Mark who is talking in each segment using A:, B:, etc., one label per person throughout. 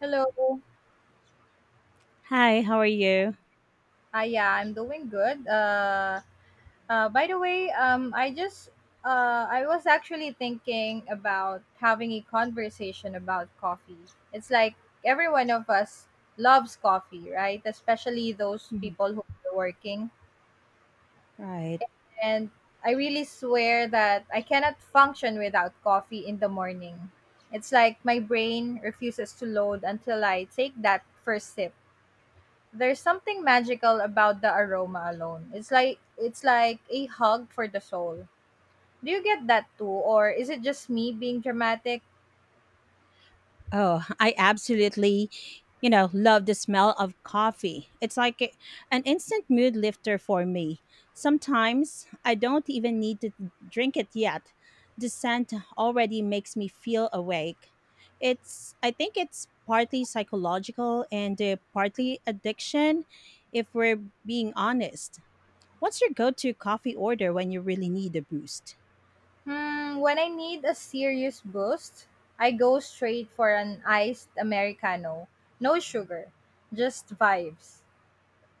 A: Hello.
B: Hi, how are you?
A: Yeah, I'm doing good. I just I was actually thinking about having a conversation about coffee. It's like every one of us loves coffee, right? Especially those
B: Mhm.
A: people who are working.
B: Right.
A: And I really swear that I cannot function without coffee in the morning. It's like my brain refuses to load until I take that first sip. There's something magical about the aroma alone. It's like a hug for the soul. Do you get that too, or is it just me being dramatic?
B: Oh, I absolutely, love the smell of coffee. It's like an instant mood lifter for me. Sometimes I don't even need to drink it yet. The scent already makes me feel awake. It's I think it's partly psychological and partly addiction if we're being honest. What's your go-to coffee order when you really need a boost?
A: Hmm, when I need a serious boost, I go straight for an iced americano. No sugar, just vibes.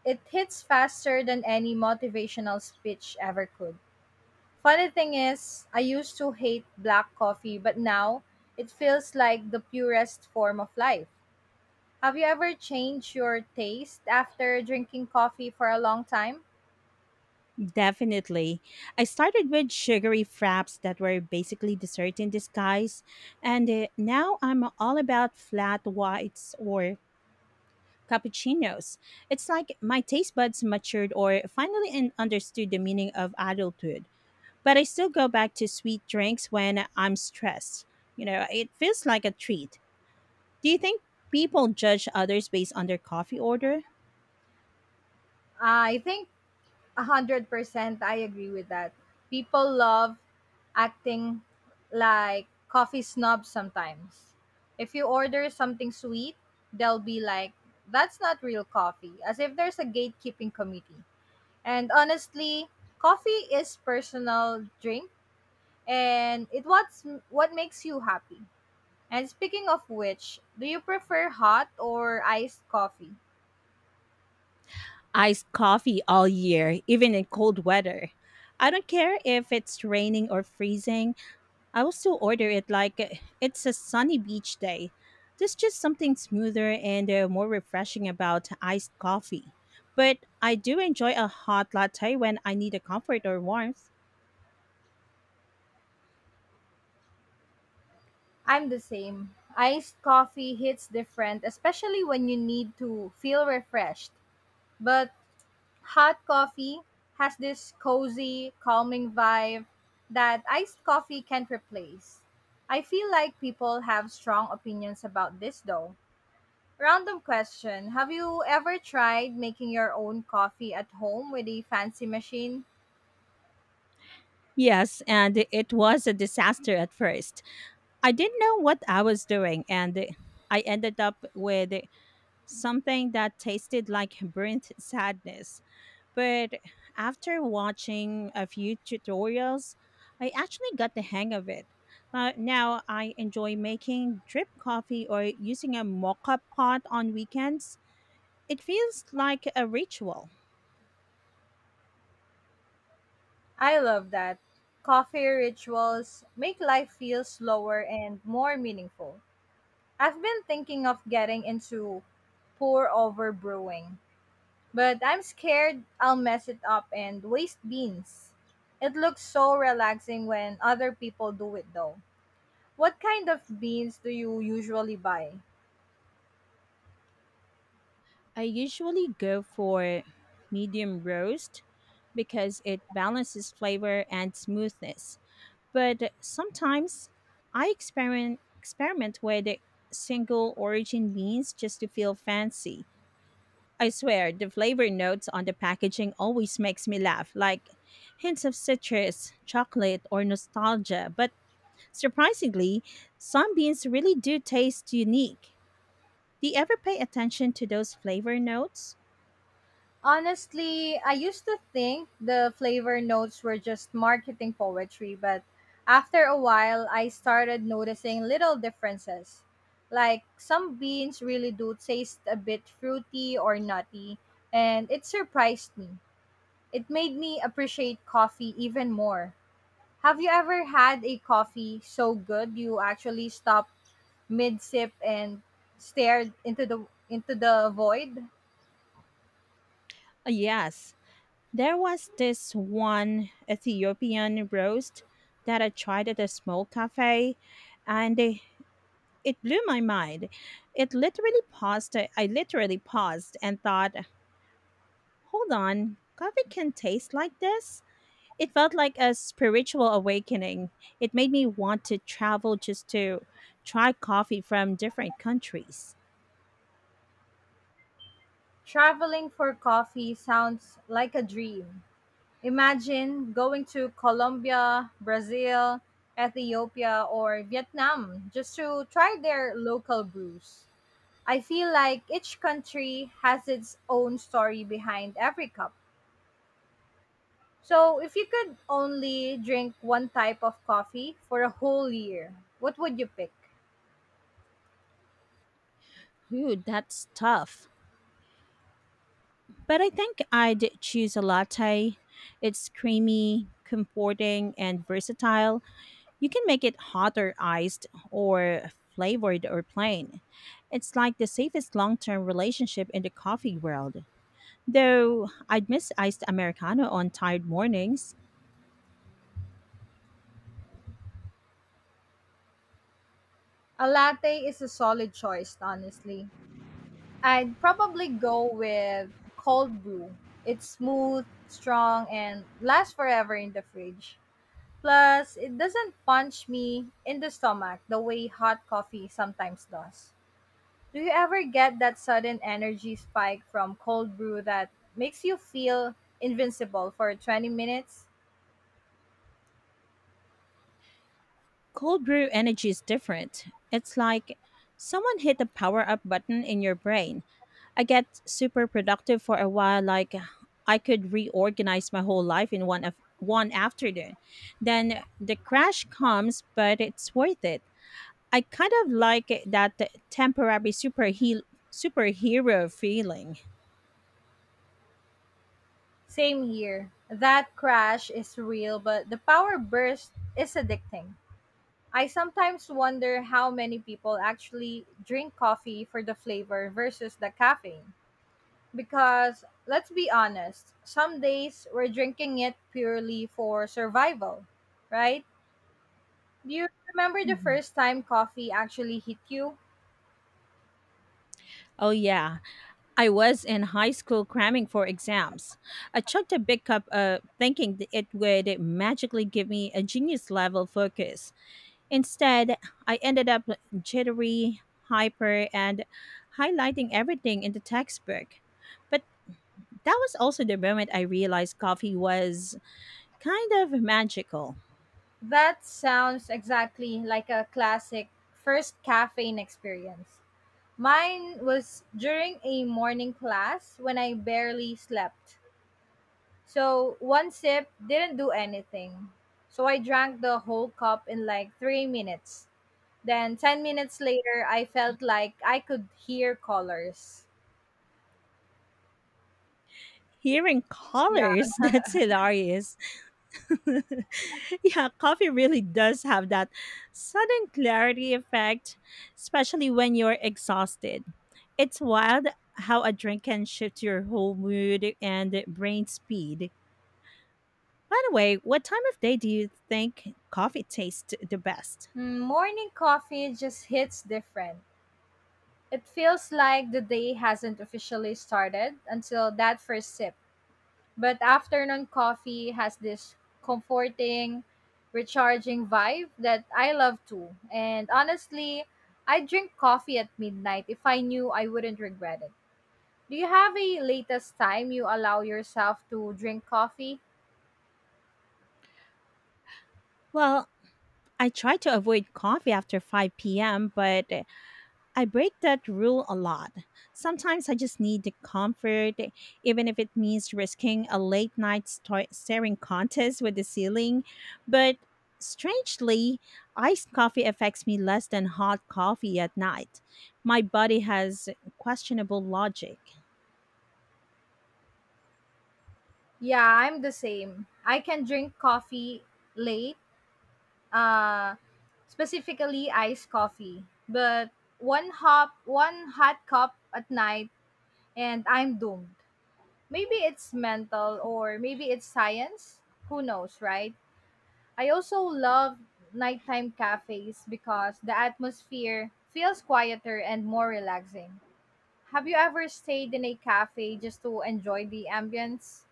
A: It hits faster than any motivational speech ever could. Funny thing is, I used to hate black coffee, but now it feels like the purest form of life. Have you ever changed your taste after drinking coffee for a long time?
B: Definitely. I started with sugary fraps that were basically dessert in disguise, and now I'm all about flat whites or cappuccinos. It's like my taste buds matured or finally understood the meaning of adulthood. But I still go back to sweet drinks when I'm stressed. You know, it feels like a treat. Do you think people judge others based on their coffee order?
A: I think 100% I agree with that. People love acting like coffee snobs sometimes. If you order something sweet, they'll be like, that's not real coffee, as if there's a gatekeeping committee. And honestly, coffee is personal drink and it what's what makes you happy. And speaking of which, do you prefer hot or iced coffee?
B: Iced coffee all year, even in cold weather. I don't care if it's raining or freezing, I will still order it like it's a sunny beach day. There's just something smoother and more refreshing about iced coffee. But I do enjoy a hot latte when I need a comfort or warmth.
A: I'm the same. Iced coffee hits different, especially when you need to feel refreshed. But hot coffee has this cozy, calming vibe that iced coffee can't replace. I feel like people have strong opinions about this though. Random question: have you ever tried making your own coffee at home with a fancy machine?
B: Yes, and it was a disaster at first. I didn't know what I was doing, and I ended up with something that tasted like burnt sadness. But after watching a few tutorials, I actually got the hang of it. Now I enjoy making drip coffee or using a mocha pot on weekends. It feels like a ritual.
A: I love that. Coffee rituals make life feel slower and more meaningful. I've been thinking of getting into pour over brewing, but I'm scared I'll mess it up and waste beans. It looks so relaxing when other people do it though. What kind of beans do you usually buy?
B: I usually go for medium roast because it balances flavor and smoothness. But sometimes I experiment with single origin beans just to feel fancy. I swear, the flavor notes on the packaging always makes me laugh, like hints of citrus, chocolate, or nostalgia. But surprisingly, some beans really do taste unique. Do you ever pay attention to those flavor notes?
A: Honestly, I used to think the flavor notes were just marketing poetry, but after a while, I started noticing little differences. Like some beans really do taste a bit fruity or nutty, and it surprised me. It made me appreciate coffee even more. Have you ever had a coffee so good you actually stopped mid sip and stared into the void?
B: Yes. There was this one Ethiopian roast that I tried at a small cafe and it blew my mind. It literally paused. I literally paused and thought, hold on, coffee can taste like this? It felt like a spiritual awakening. It made me want to travel just to try coffee from different countries.
A: Traveling for coffee sounds like a dream. Imagine going to Colombia, Brazil, Ethiopia, or Vietnam just to try their local brews. I feel like each country has its own story behind every cup. So, if you could only drink one type of coffee for a whole year, what would you pick?
B: Ooh, that's tough. But I think I'd choose a latte. It's creamy, comforting, and versatile. You can make it hot or iced, or flavored or plain. It's like the safest long term relationship in the coffee world. Though I'd miss iced Americano on tired mornings.
A: A latte is a solid choice, honestly. I'd probably go with cold brew. It's smooth, strong, and lasts forever in the fridge. Plus, it doesn't punch me in the stomach the way hot coffee sometimes does. Do you ever get that sudden energy spike from cold brew that makes you feel invincible for 20 minutes?
B: Cold brew energy is different. It's like someone hit the power up button in your brain. I get super productive for a while, like I could reorganize my whole life in one afternoon. Then the crash comes, but it's worth it. I kind of like that temporary superhero feeling.
A: Same here. That crash is real, but the power burst is addicting. I sometimes wonder how many people actually drink coffee for the flavor versus the caffeine. Because let's be honest, some days we're drinking it purely for survival, right? Do you remember the
B: Mhm.
A: first time coffee actually hit you?
B: Oh yeah, I was in high school cramming for exams. I chugged a big cup thinking it would magically give me a genius level focus. Instead, I ended up jittery, hyper, and highlighting everything in the textbook. But that was also the moment I realized coffee was kind of magical.
A: That sounds exactly like a classic first caffeine experience. Mine was during a morning class when I barely slept. So one sip didn't do anything. So I drank the whole cup in like 3 minutes. Then 10 minutes later, I felt like I could hear colors.
B: Hearing
A: Yeah.
B: colors, that's hilarious. Yeah, coffee really does have that sudden clarity effect, especially when you're exhausted. It's wild how a drink can shift your whole mood and brain speed. By the way, what time of day do you think coffee tastes the best?
A: Mm, morning coffee just hits different. It feels like the day hasn't officially started until that first sip. But afternoon coffee has this comforting, recharging vibe that I love too. And honestly, I'd drink coffee at midnight if I knew I wouldn't regret it. Do you have a latest time you allow yourself to drink coffee?
B: Well, I try to avoid coffee after 5 p.m., but I break that rule a lot. Sometimes I just need the comfort, even if it means risking a late night staring contest with the ceiling. But strangely, iced coffee affects me less than hot coffee at night. My body has questionable logic.
A: Yeah, I'm the same. I can drink coffee late, uh, specifically iced coffee. But one hop, one hot cup at night, and I'm doomed. Maybe it's mental or maybe it's science. Who knows, right? I also love nighttime cafes because the atmosphere feels quieter and more relaxing. Have you ever stayed in a cafe just to enjoy the ambience?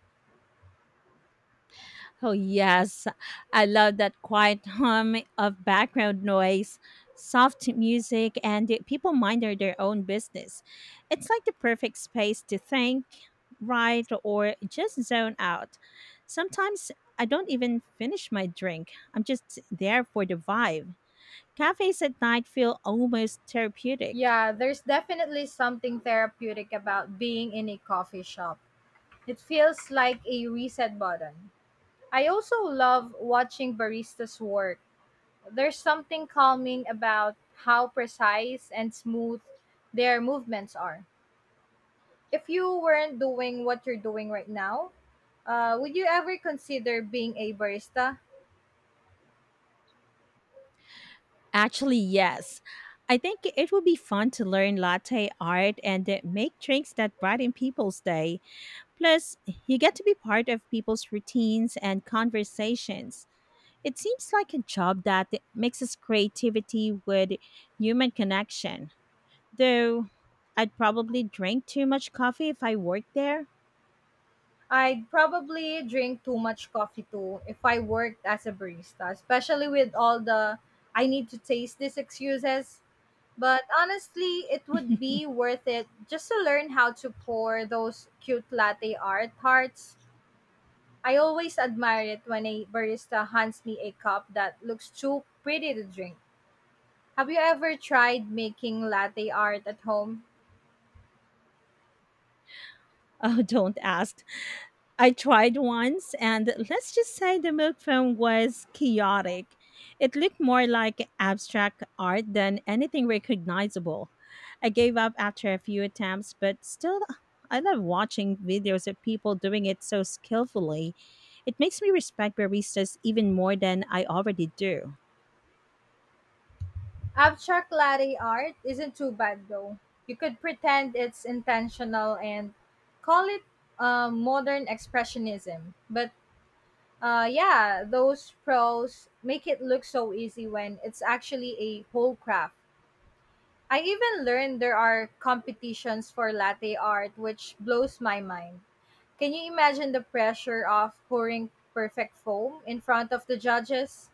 B: Oh, yes. I love that quiet hum of background noise, soft music, and the people minding their own business. It's like the perfect space to think, write, or just zone out. Sometimes I don't even finish my drink, I'm just there for the vibe. Cafes at night feel almost therapeutic.
A: Yeah, there's definitely something therapeutic about being in a coffee shop. It feels like a reset button. I also love watching baristas work. There's something calming about how precise and smooth their movements are. If you weren't doing what you're doing right now, would you ever consider being a barista?
B: Actually, yes. I think it would be fun to learn latte art and make drinks that brighten people's day. Plus, you get to be part of people's routines and conversations. It seems like a job that mixes creativity with human connection. Though I'd probably drink too much coffee if I worked there.
A: I'd probably drink too much coffee too if I worked as a barista, especially with all the I need to taste these excuses. But honestly, it would be worth it just to learn how to pour those cute latte art hearts. I always admire it when a barista hands me a cup that looks too pretty to drink. Have you ever tried making latte art at home?
B: Oh, don't ask. I tried once, and let's just say the milk foam was chaotic. It looked more like abstract art than anything recognizable. I gave up after a few attempts, but still, I love watching videos of people doing it so skillfully. It makes me respect baristas even more than I already do.
A: Abstract latte art isn't too bad though. You could pretend it's intentional and call it modern expressionism. But yeah, those pros make it look so easy when it's actually a whole craft. I even learned there are competitions for latte art, which blows my mind. Can you imagine the pressure of pouring perfect foam in front of the judges?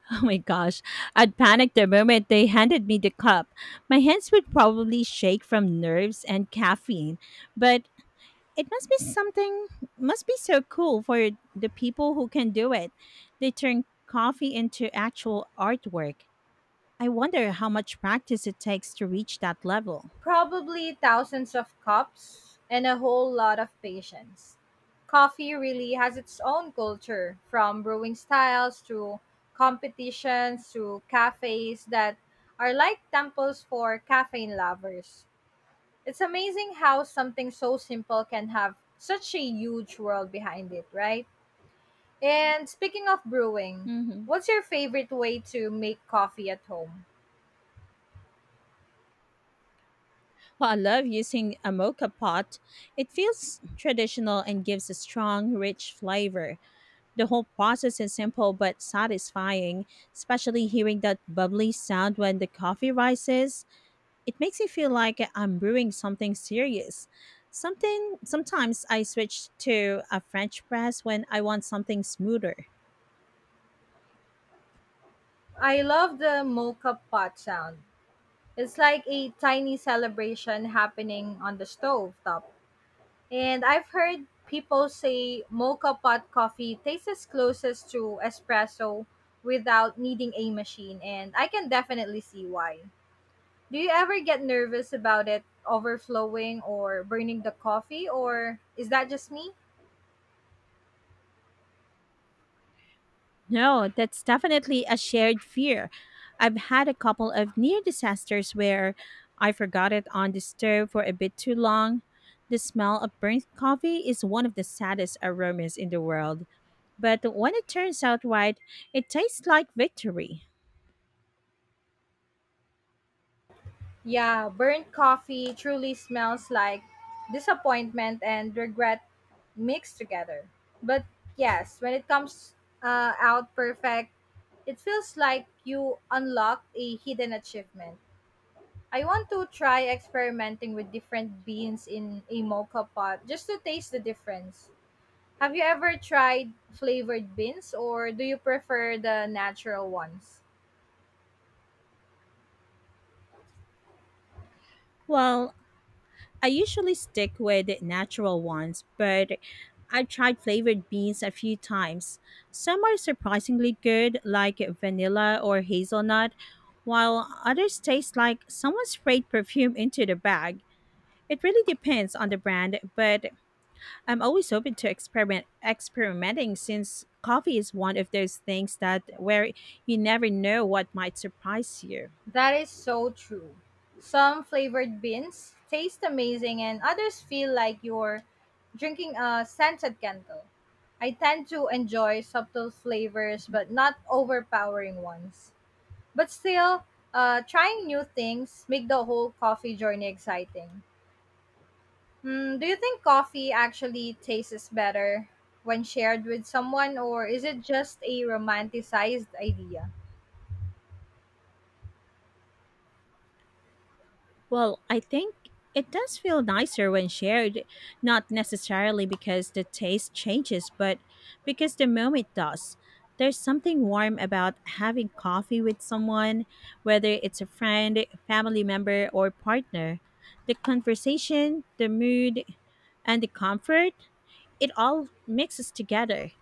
B: Oh my gosh, I'd panic the moment they handed me the cup. My hands would probably shake from nerves and caffeine, but it must be something, must be so cool for the people who can do it. They turn coffee into actual artwork. I wonder how much practice it takes to reach that level.
A: Probably thousands of cups and a whole lot of patience. Coffee really has its own culture, from brewing styles to competitions to cafes that are like temples for caffeine lovers. It's amazing how something so simple can have such a huge world behind it, right? And speaking of brewing,
B: Hmm.
A: what's your favorite way to make coffee at home?
B: Well, I love using a mocha pot. It feels traditional and gives a strong, rich flavor. The whole process is simple but satisfying, especially hearing that bubbly sound when the coffee rises. It makes me feel like I'm brewing something serious. Something Sometimes I switch to a French press when I want something smoother.
A: I love the mocha pot sound. It's like a tiny celebration happening on the stove top. And I've heard people say mocha pot coffee tastes as closest to espresso without needing a machine, and I can definitely see why. Do you ever get nervous about it overflowing or burning the coffee, or is that just me?
B: No, that's definitely a shared fear. I've had a couple of near disasters where I forgot it on the stove for a bit too long. The smell of burnt coffee is one of the saddest aromas in the world, but when it turns out right, it tastes like victory.
A: Yeah, burnt coffee truly smells like disappointment and regret mixed together. But yes, when it comes out perfect, it feels like you unlocked a hidden achievement. I want to try experimenting with different beans in a mocha pot just to taste the difference. Have you ever tried flavored beans or do you prefer the natural ones?
B: Well, I usually stick with natural ones, but I've tried flavored beans a few times. Some are surprisingly good, like vanilla or hazelnut, while others taste like someone sprayed perfume into the bag. It really depends on the brand, but I'm always open to experimenting since coffee is one of those things that where you never know what might surprise you.
A: That is so true. Some flavored beans taste amazing and others feel like you're drinking a scented candle. I tend to enjoy subtle flavors but not overpowering ones. But still, trying new things make the whole coffee journey exciting. Hmm, do you think coffee actually tastes better when shared with someone, or is it just a romanticized idea?
B: Well, I think it does feel nicer when shared, not necessarily because the taste changes, but because the moment does. There's something warm about having coffee with someone, whether it's a friend, family member, or partner. The conversation, the mood, and the comfort, it all mixes together.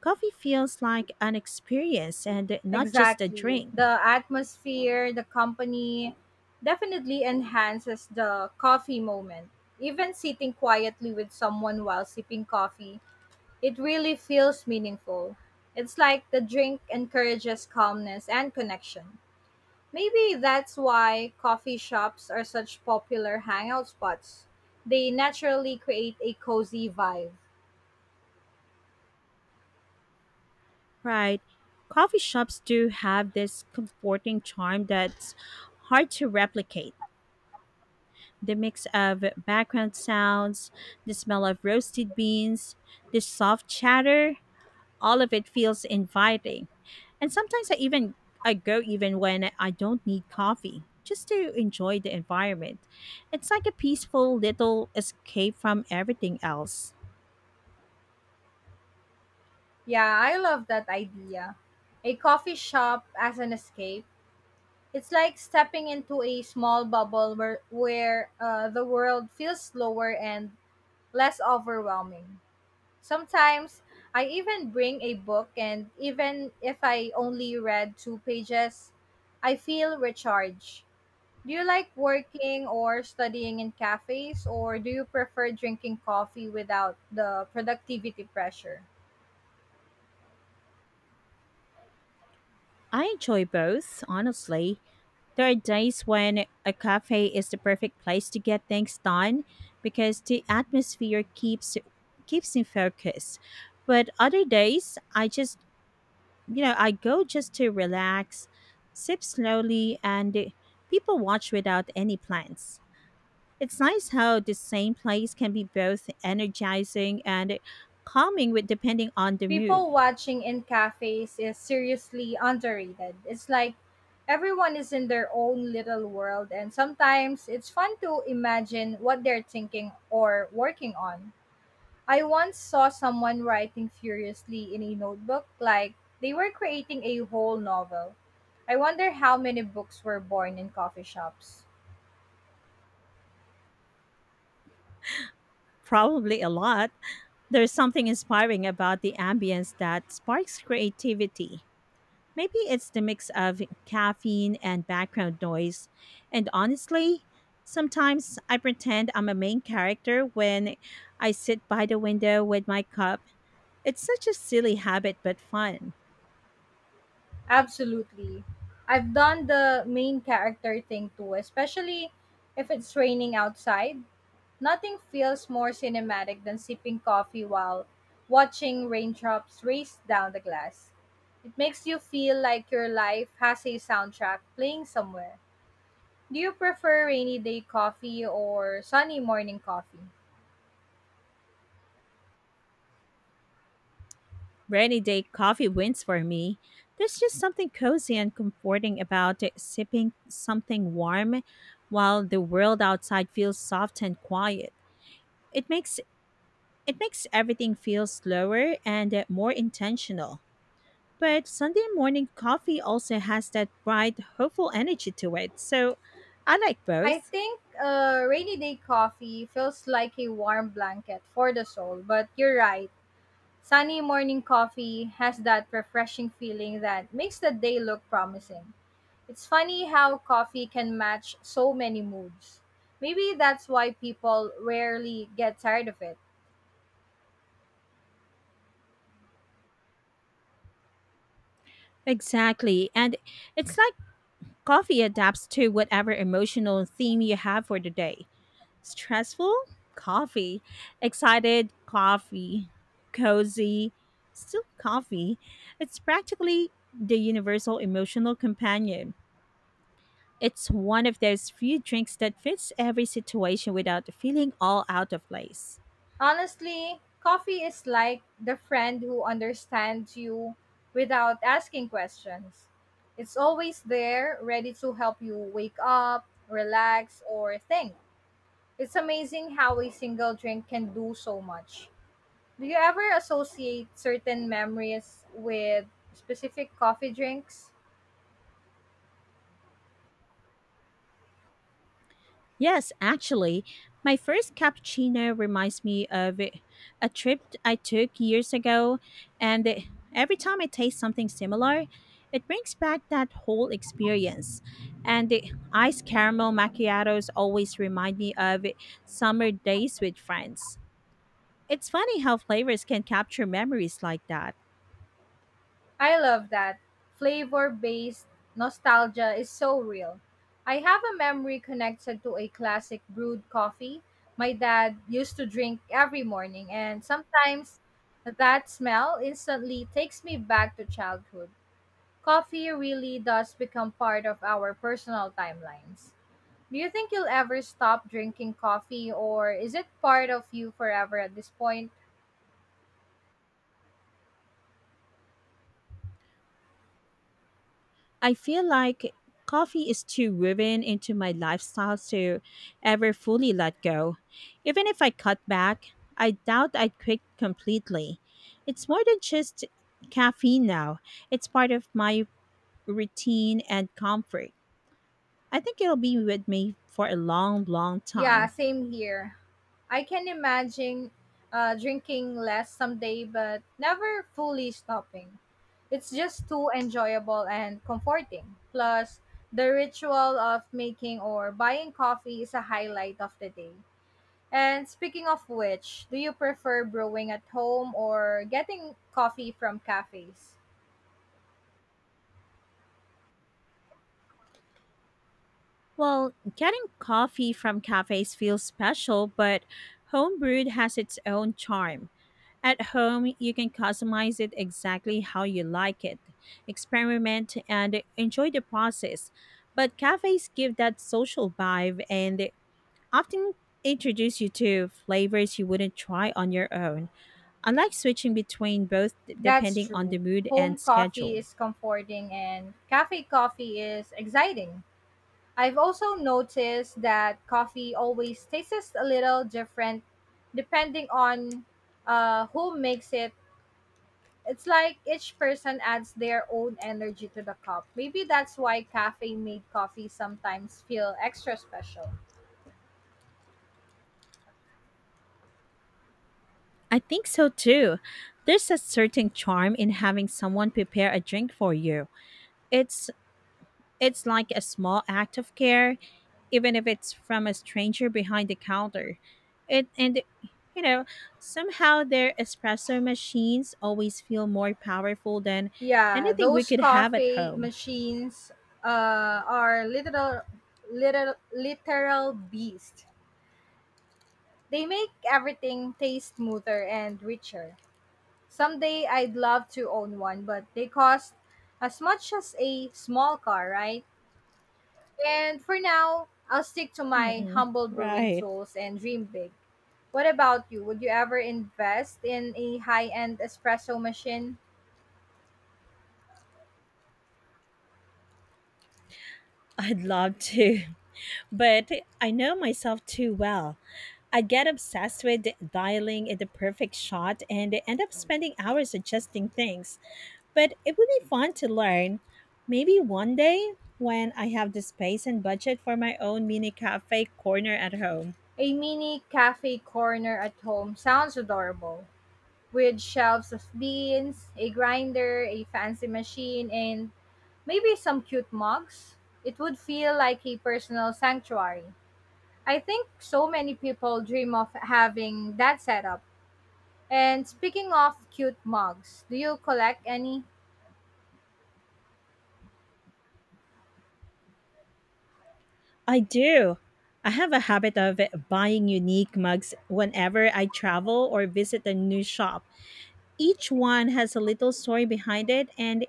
B: Coffee feels like an experience and not just a
A: Exactly.
B: drink.
A: The atmosphere, the company definitely enhances the coffee moment. Even sitting quietly with someone while sipping coffee, it really feels meaningful. It's like the drink encourages calmness and connection. Maybe that's why coffee shops are such popular hangout spots. They naturally create a cozy vibe.
B: Right. Coffee shops do have this comforting charm that's hard to replicate. The mix of background sounds, the smell of roasted beans, the soft chatter, all of it feels inviting. And sometimes I go even when I don't need coffee, just to enjoy the environment. It's like a peaceful little escape from everything else.
A: Yeah, I love that idea. A coffee shop as an escape. It's like stepping into a small bubble where the world feels slower and less overwhelming. Sometimes I even bring a book, and even if I only read two pages, I feel recharged. Do you like working or studying in cafes, or do you prefer drinking coffee without the productivity pressure?
B: I enjoy both, honestly. There are days when a cafe is the perfect place to get things done because the atmosphere keeps me focused. But other days, I just, you know, I go just to relax, sip slowly, and people watch without any plans. It's nice how the same place can be both energizing and calming with depending on the mood.
A: People watching in cafes is seriously underrated. It's like everyone is in their own little world, and sometimes it's fun to imagine what they're thinking or working on. I once saw someone writing furiously in a notebook, like they were creating a whole novel. I wonder how many books were born in coffee shops.
B: Probably a lot. There's something inspiring about the ambience that sparks creativity. Maybe it's the mix of caffeine and background noise. And honestly, sometimes I pretend I'm a main character when I sit by the window with my cup. It's such a silly habit, but fun.
A: Absolutely. I've done the main character thing too, especially if it's raining outside. Nothing feels more cinematic than sipping coffee while watching raindrops race down the glass. It makes you feel like your life has a soundtrack playing somewhere. Do you prefer rainy day coffee or sunny morning coffee?
B: Rainy day coffee wins for me. There's just something cozy and comforting about it, sipping something warm while the world outside feels soft and quiet. It makes It makes everything feel slower and more intentional. But Sunday morning coffee also has that bright, hopeful energy to it, so I like
A: I
B: both.
A: think rainy day coffee feels like a warm blanket for the soul, but you're right. Sunny morning coffee has that refreshing feeling that makes the day look promising. It's funny how coffee can match so many moods. Maybe that's why people rarely get tired of it.
B: Exactly, and it's like coffee adapts to whatever emotional theme you have for the day. Stressful? Coffee. Excited? Coffee. Cozy? Still coffee. It's practically the universal emotional companion. It's one of those few drinks that fits every situation without feeling all out of place.
A: Honestly, coffee is like the friend who understands you without asking questions. It's always there, ready to help you wake up, relax, or think. It's amazing how a single drink can do so much. Do you ever associate certain memories with specific coffee drinks?
B: Yes, actually, my first cappuccino reminds me of a trip I took years ago, and every time I taste something similar, it brings back that whole experience. And the iced caramel macchiatos always remind me of summer days with friends. It's funny how flavors can capture memories like that.
A: I love that. Flavor based nostalgia is so real. I have a memory connected to a classic brewed coffee my dad used to drink every morning, and sometimes that smell instantly takes me back to childhood. Coffee really does become part of our personal timelines. Do you think you'll ever stop drinking coffee or is it part of you forever at this point?
B: I feel like coffee is too woven into my lifestyle to ever fully let go. Even if I cut back, I doubt I'd quit completely. It's more than just caffeine now, it's part of my routine and comfort. I think it'll be with me for a long, long
A: Yeah,
B: time.
A: same here. I can imagine drinking less someday, but never fully stopping. It's just too enjoyable and comforting. Plus, the ritual of making or buying coffee is a highlight of the day. And speaking of which, do you prefer brewing at home or getting coffee from cafes?
B: Well, getting coffee from cafes feels special, but homebrewed has its own charm. At home, you can customize it exactly how you like it, experiment, and enjoy the process. But cafes give that social vibe and they often introduce you to flavors you wouldn't try on your own. I like switching between both
A: That's
B: depending on the
A: true.
B: mood and
A: Home coffee
B: schedule.
A: is comforting and cafe coffee is exciting. I've also noticed that coffee always tastes a little different depending on who makes it. It's like each person adds their own energy to the cup. Maybe that's why cafe made coffee sometimes feel extra special.
B: I think so too. There's a certain charm in having someone prepare a drink for you. It's it's like a small act of care even if it's from a stranger behind the counter. It and you know, Somehow their espresso machines always feel more powerful than
A: Yeah,
B: anything we
A: those
B: could have at
A: coffee
B: home.
A: machines are literal beast. They make everything taste smoother and richer. Someday I'd love to own one, but they cost as much as a small car, right? And for now, I'll stick to my
B: Mm-mm.
A: humble brewing
B: Right.
A: tools and dream big. What about you? Would you ever invest in a high end espresso machine?
B: I'd love to, but I know myself too well. I get obsessed with dialing in the perfect shot and end up spending hours adjusting things. But it would be fun to learn. Maybe one day when I have the space and budget for my own mini cafe corner at home.
A: A mini cafe corner at home sounds adorable with shelves of beans, a grinder, a fancy machine, and maybe some cute mugs? It would feel like a personal sanctuary. I think so many people dream of having that setup. And speaking of cute mugs, do you collect any?
B: I do. I have a habit of buying unique mugs whenever I travel or visit a new shop. Each one has a little story behind it, and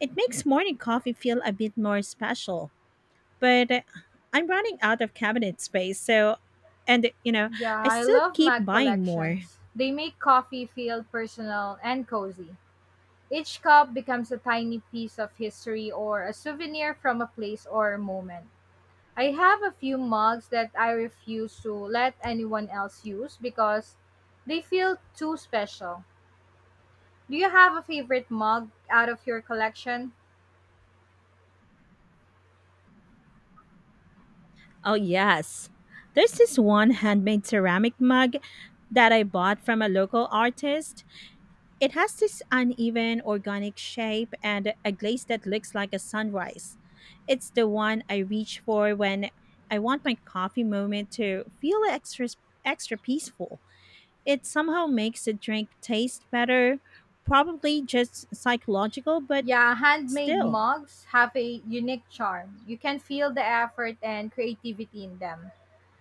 B: it makes morning coffee feel a bit more special. But I'm running out of cabinet space, so, and you know,
A: Yeah,
B: I
A: I
B: still
A: love
B: keep
A: mug
B: buying more.
A: collections. They make coffee feel personal and cozy. Each cup becomes a tiny piece of history or a souvenir from a place or a moment. I have a few mugs that I refuse to let anyone else use because they feel too special. Do you have a favorite mug out of your collection?
B: Oh, yes. There's this one handmade ceramic mug that I bought from a local artist. It has this uneven organic shape and a glaze that looks like a sunrise. It's the one I reach for when I want my coffee moment to feel extra peaceful. It somehow makes the drink taste better, probably just psychological, but
A: Yeah, handmade
B: still.
A: mugs have a unique charm. You can feel the effort and creativity in them.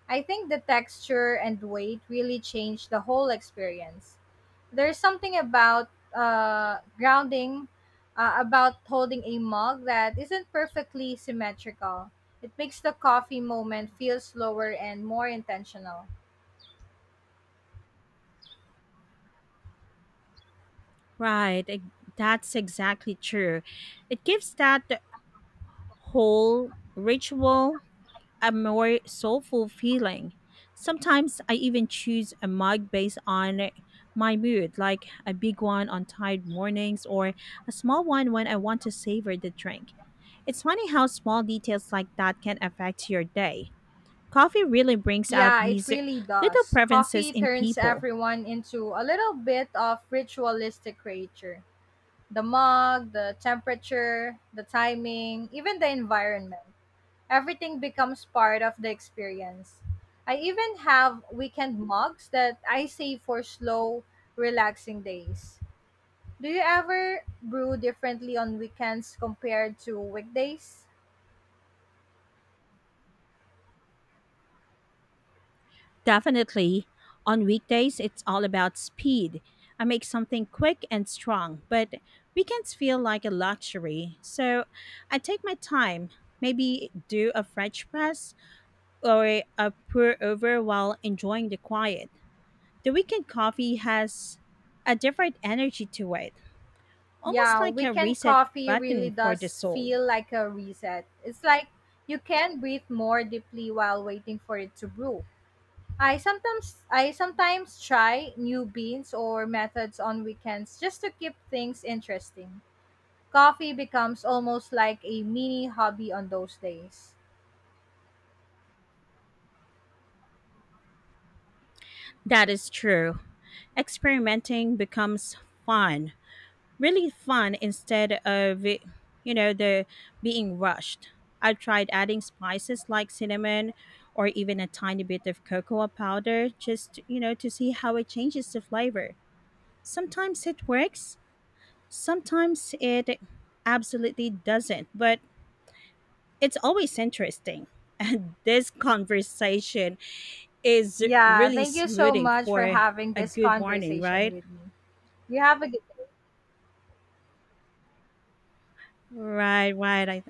A: I think the texture and weight really change the whole experience. There's something about grounding, about holding a mug that isn't perfectly symmetrical. It makes the coffee moment feel slower and more intentional.
B: Right, that's exactly true. It gives that whole ritual a more soulful feeling. Sometimes I even choose a mug based on my mood, like a big one on tired mornings or a small one when I want to savor the drink. It's funny how small details like that can affect your day. Coffee really brings out
A: Yeah, it
B: these
A: really
B: little
A: does.
B: preferences
A: Coffee
B: in
A: turns
B: people.
A: everyone into a little bit of ritualistic creature. The mug, the temperature, the timing, even the environment. Everything becomes part of the experience. I even have weekend mugs that I save for slow, relaxing days. Do you ever brew differently on weekends compared to weekdays?
B: Definitely. On weekdays, it's all about speed. I make something quick and strong, but weekends feel like a luxury. So I take my time, maybe do a French press or a pour over while enjoying the quiet. The weekend coffee has a different energy to it, almost
A: Yeah,
B: like a
A: weekend
B: reset
A: coffee really
B: button for the
A: does
B: soul.
A: feel like a reset. It's like you can breathe more deeply while waiting for it to brew. I sometimes try new beans or methods on weekends just to keep things interesting. Coffee becomes almost like a mini hobby on those days.
B: That is true. Experimenting becomes fun really fun instead of it- you know the being rushed. I've tried adding spices like cinnamon or even a tiny bit of cocoa powder just, you know, to see how it changes the flavor. Sometimes it works, sometimes it absolutely doesn't, but it's always interesting. And this conversation is
A: Yeah,
B: really
A: thank you so
B: smoothing
A: much for
B: for
A: having
B: a
A: this
B: good morning,
A: conversation
B: right?
A: with me. You have a good
B: Right, right. I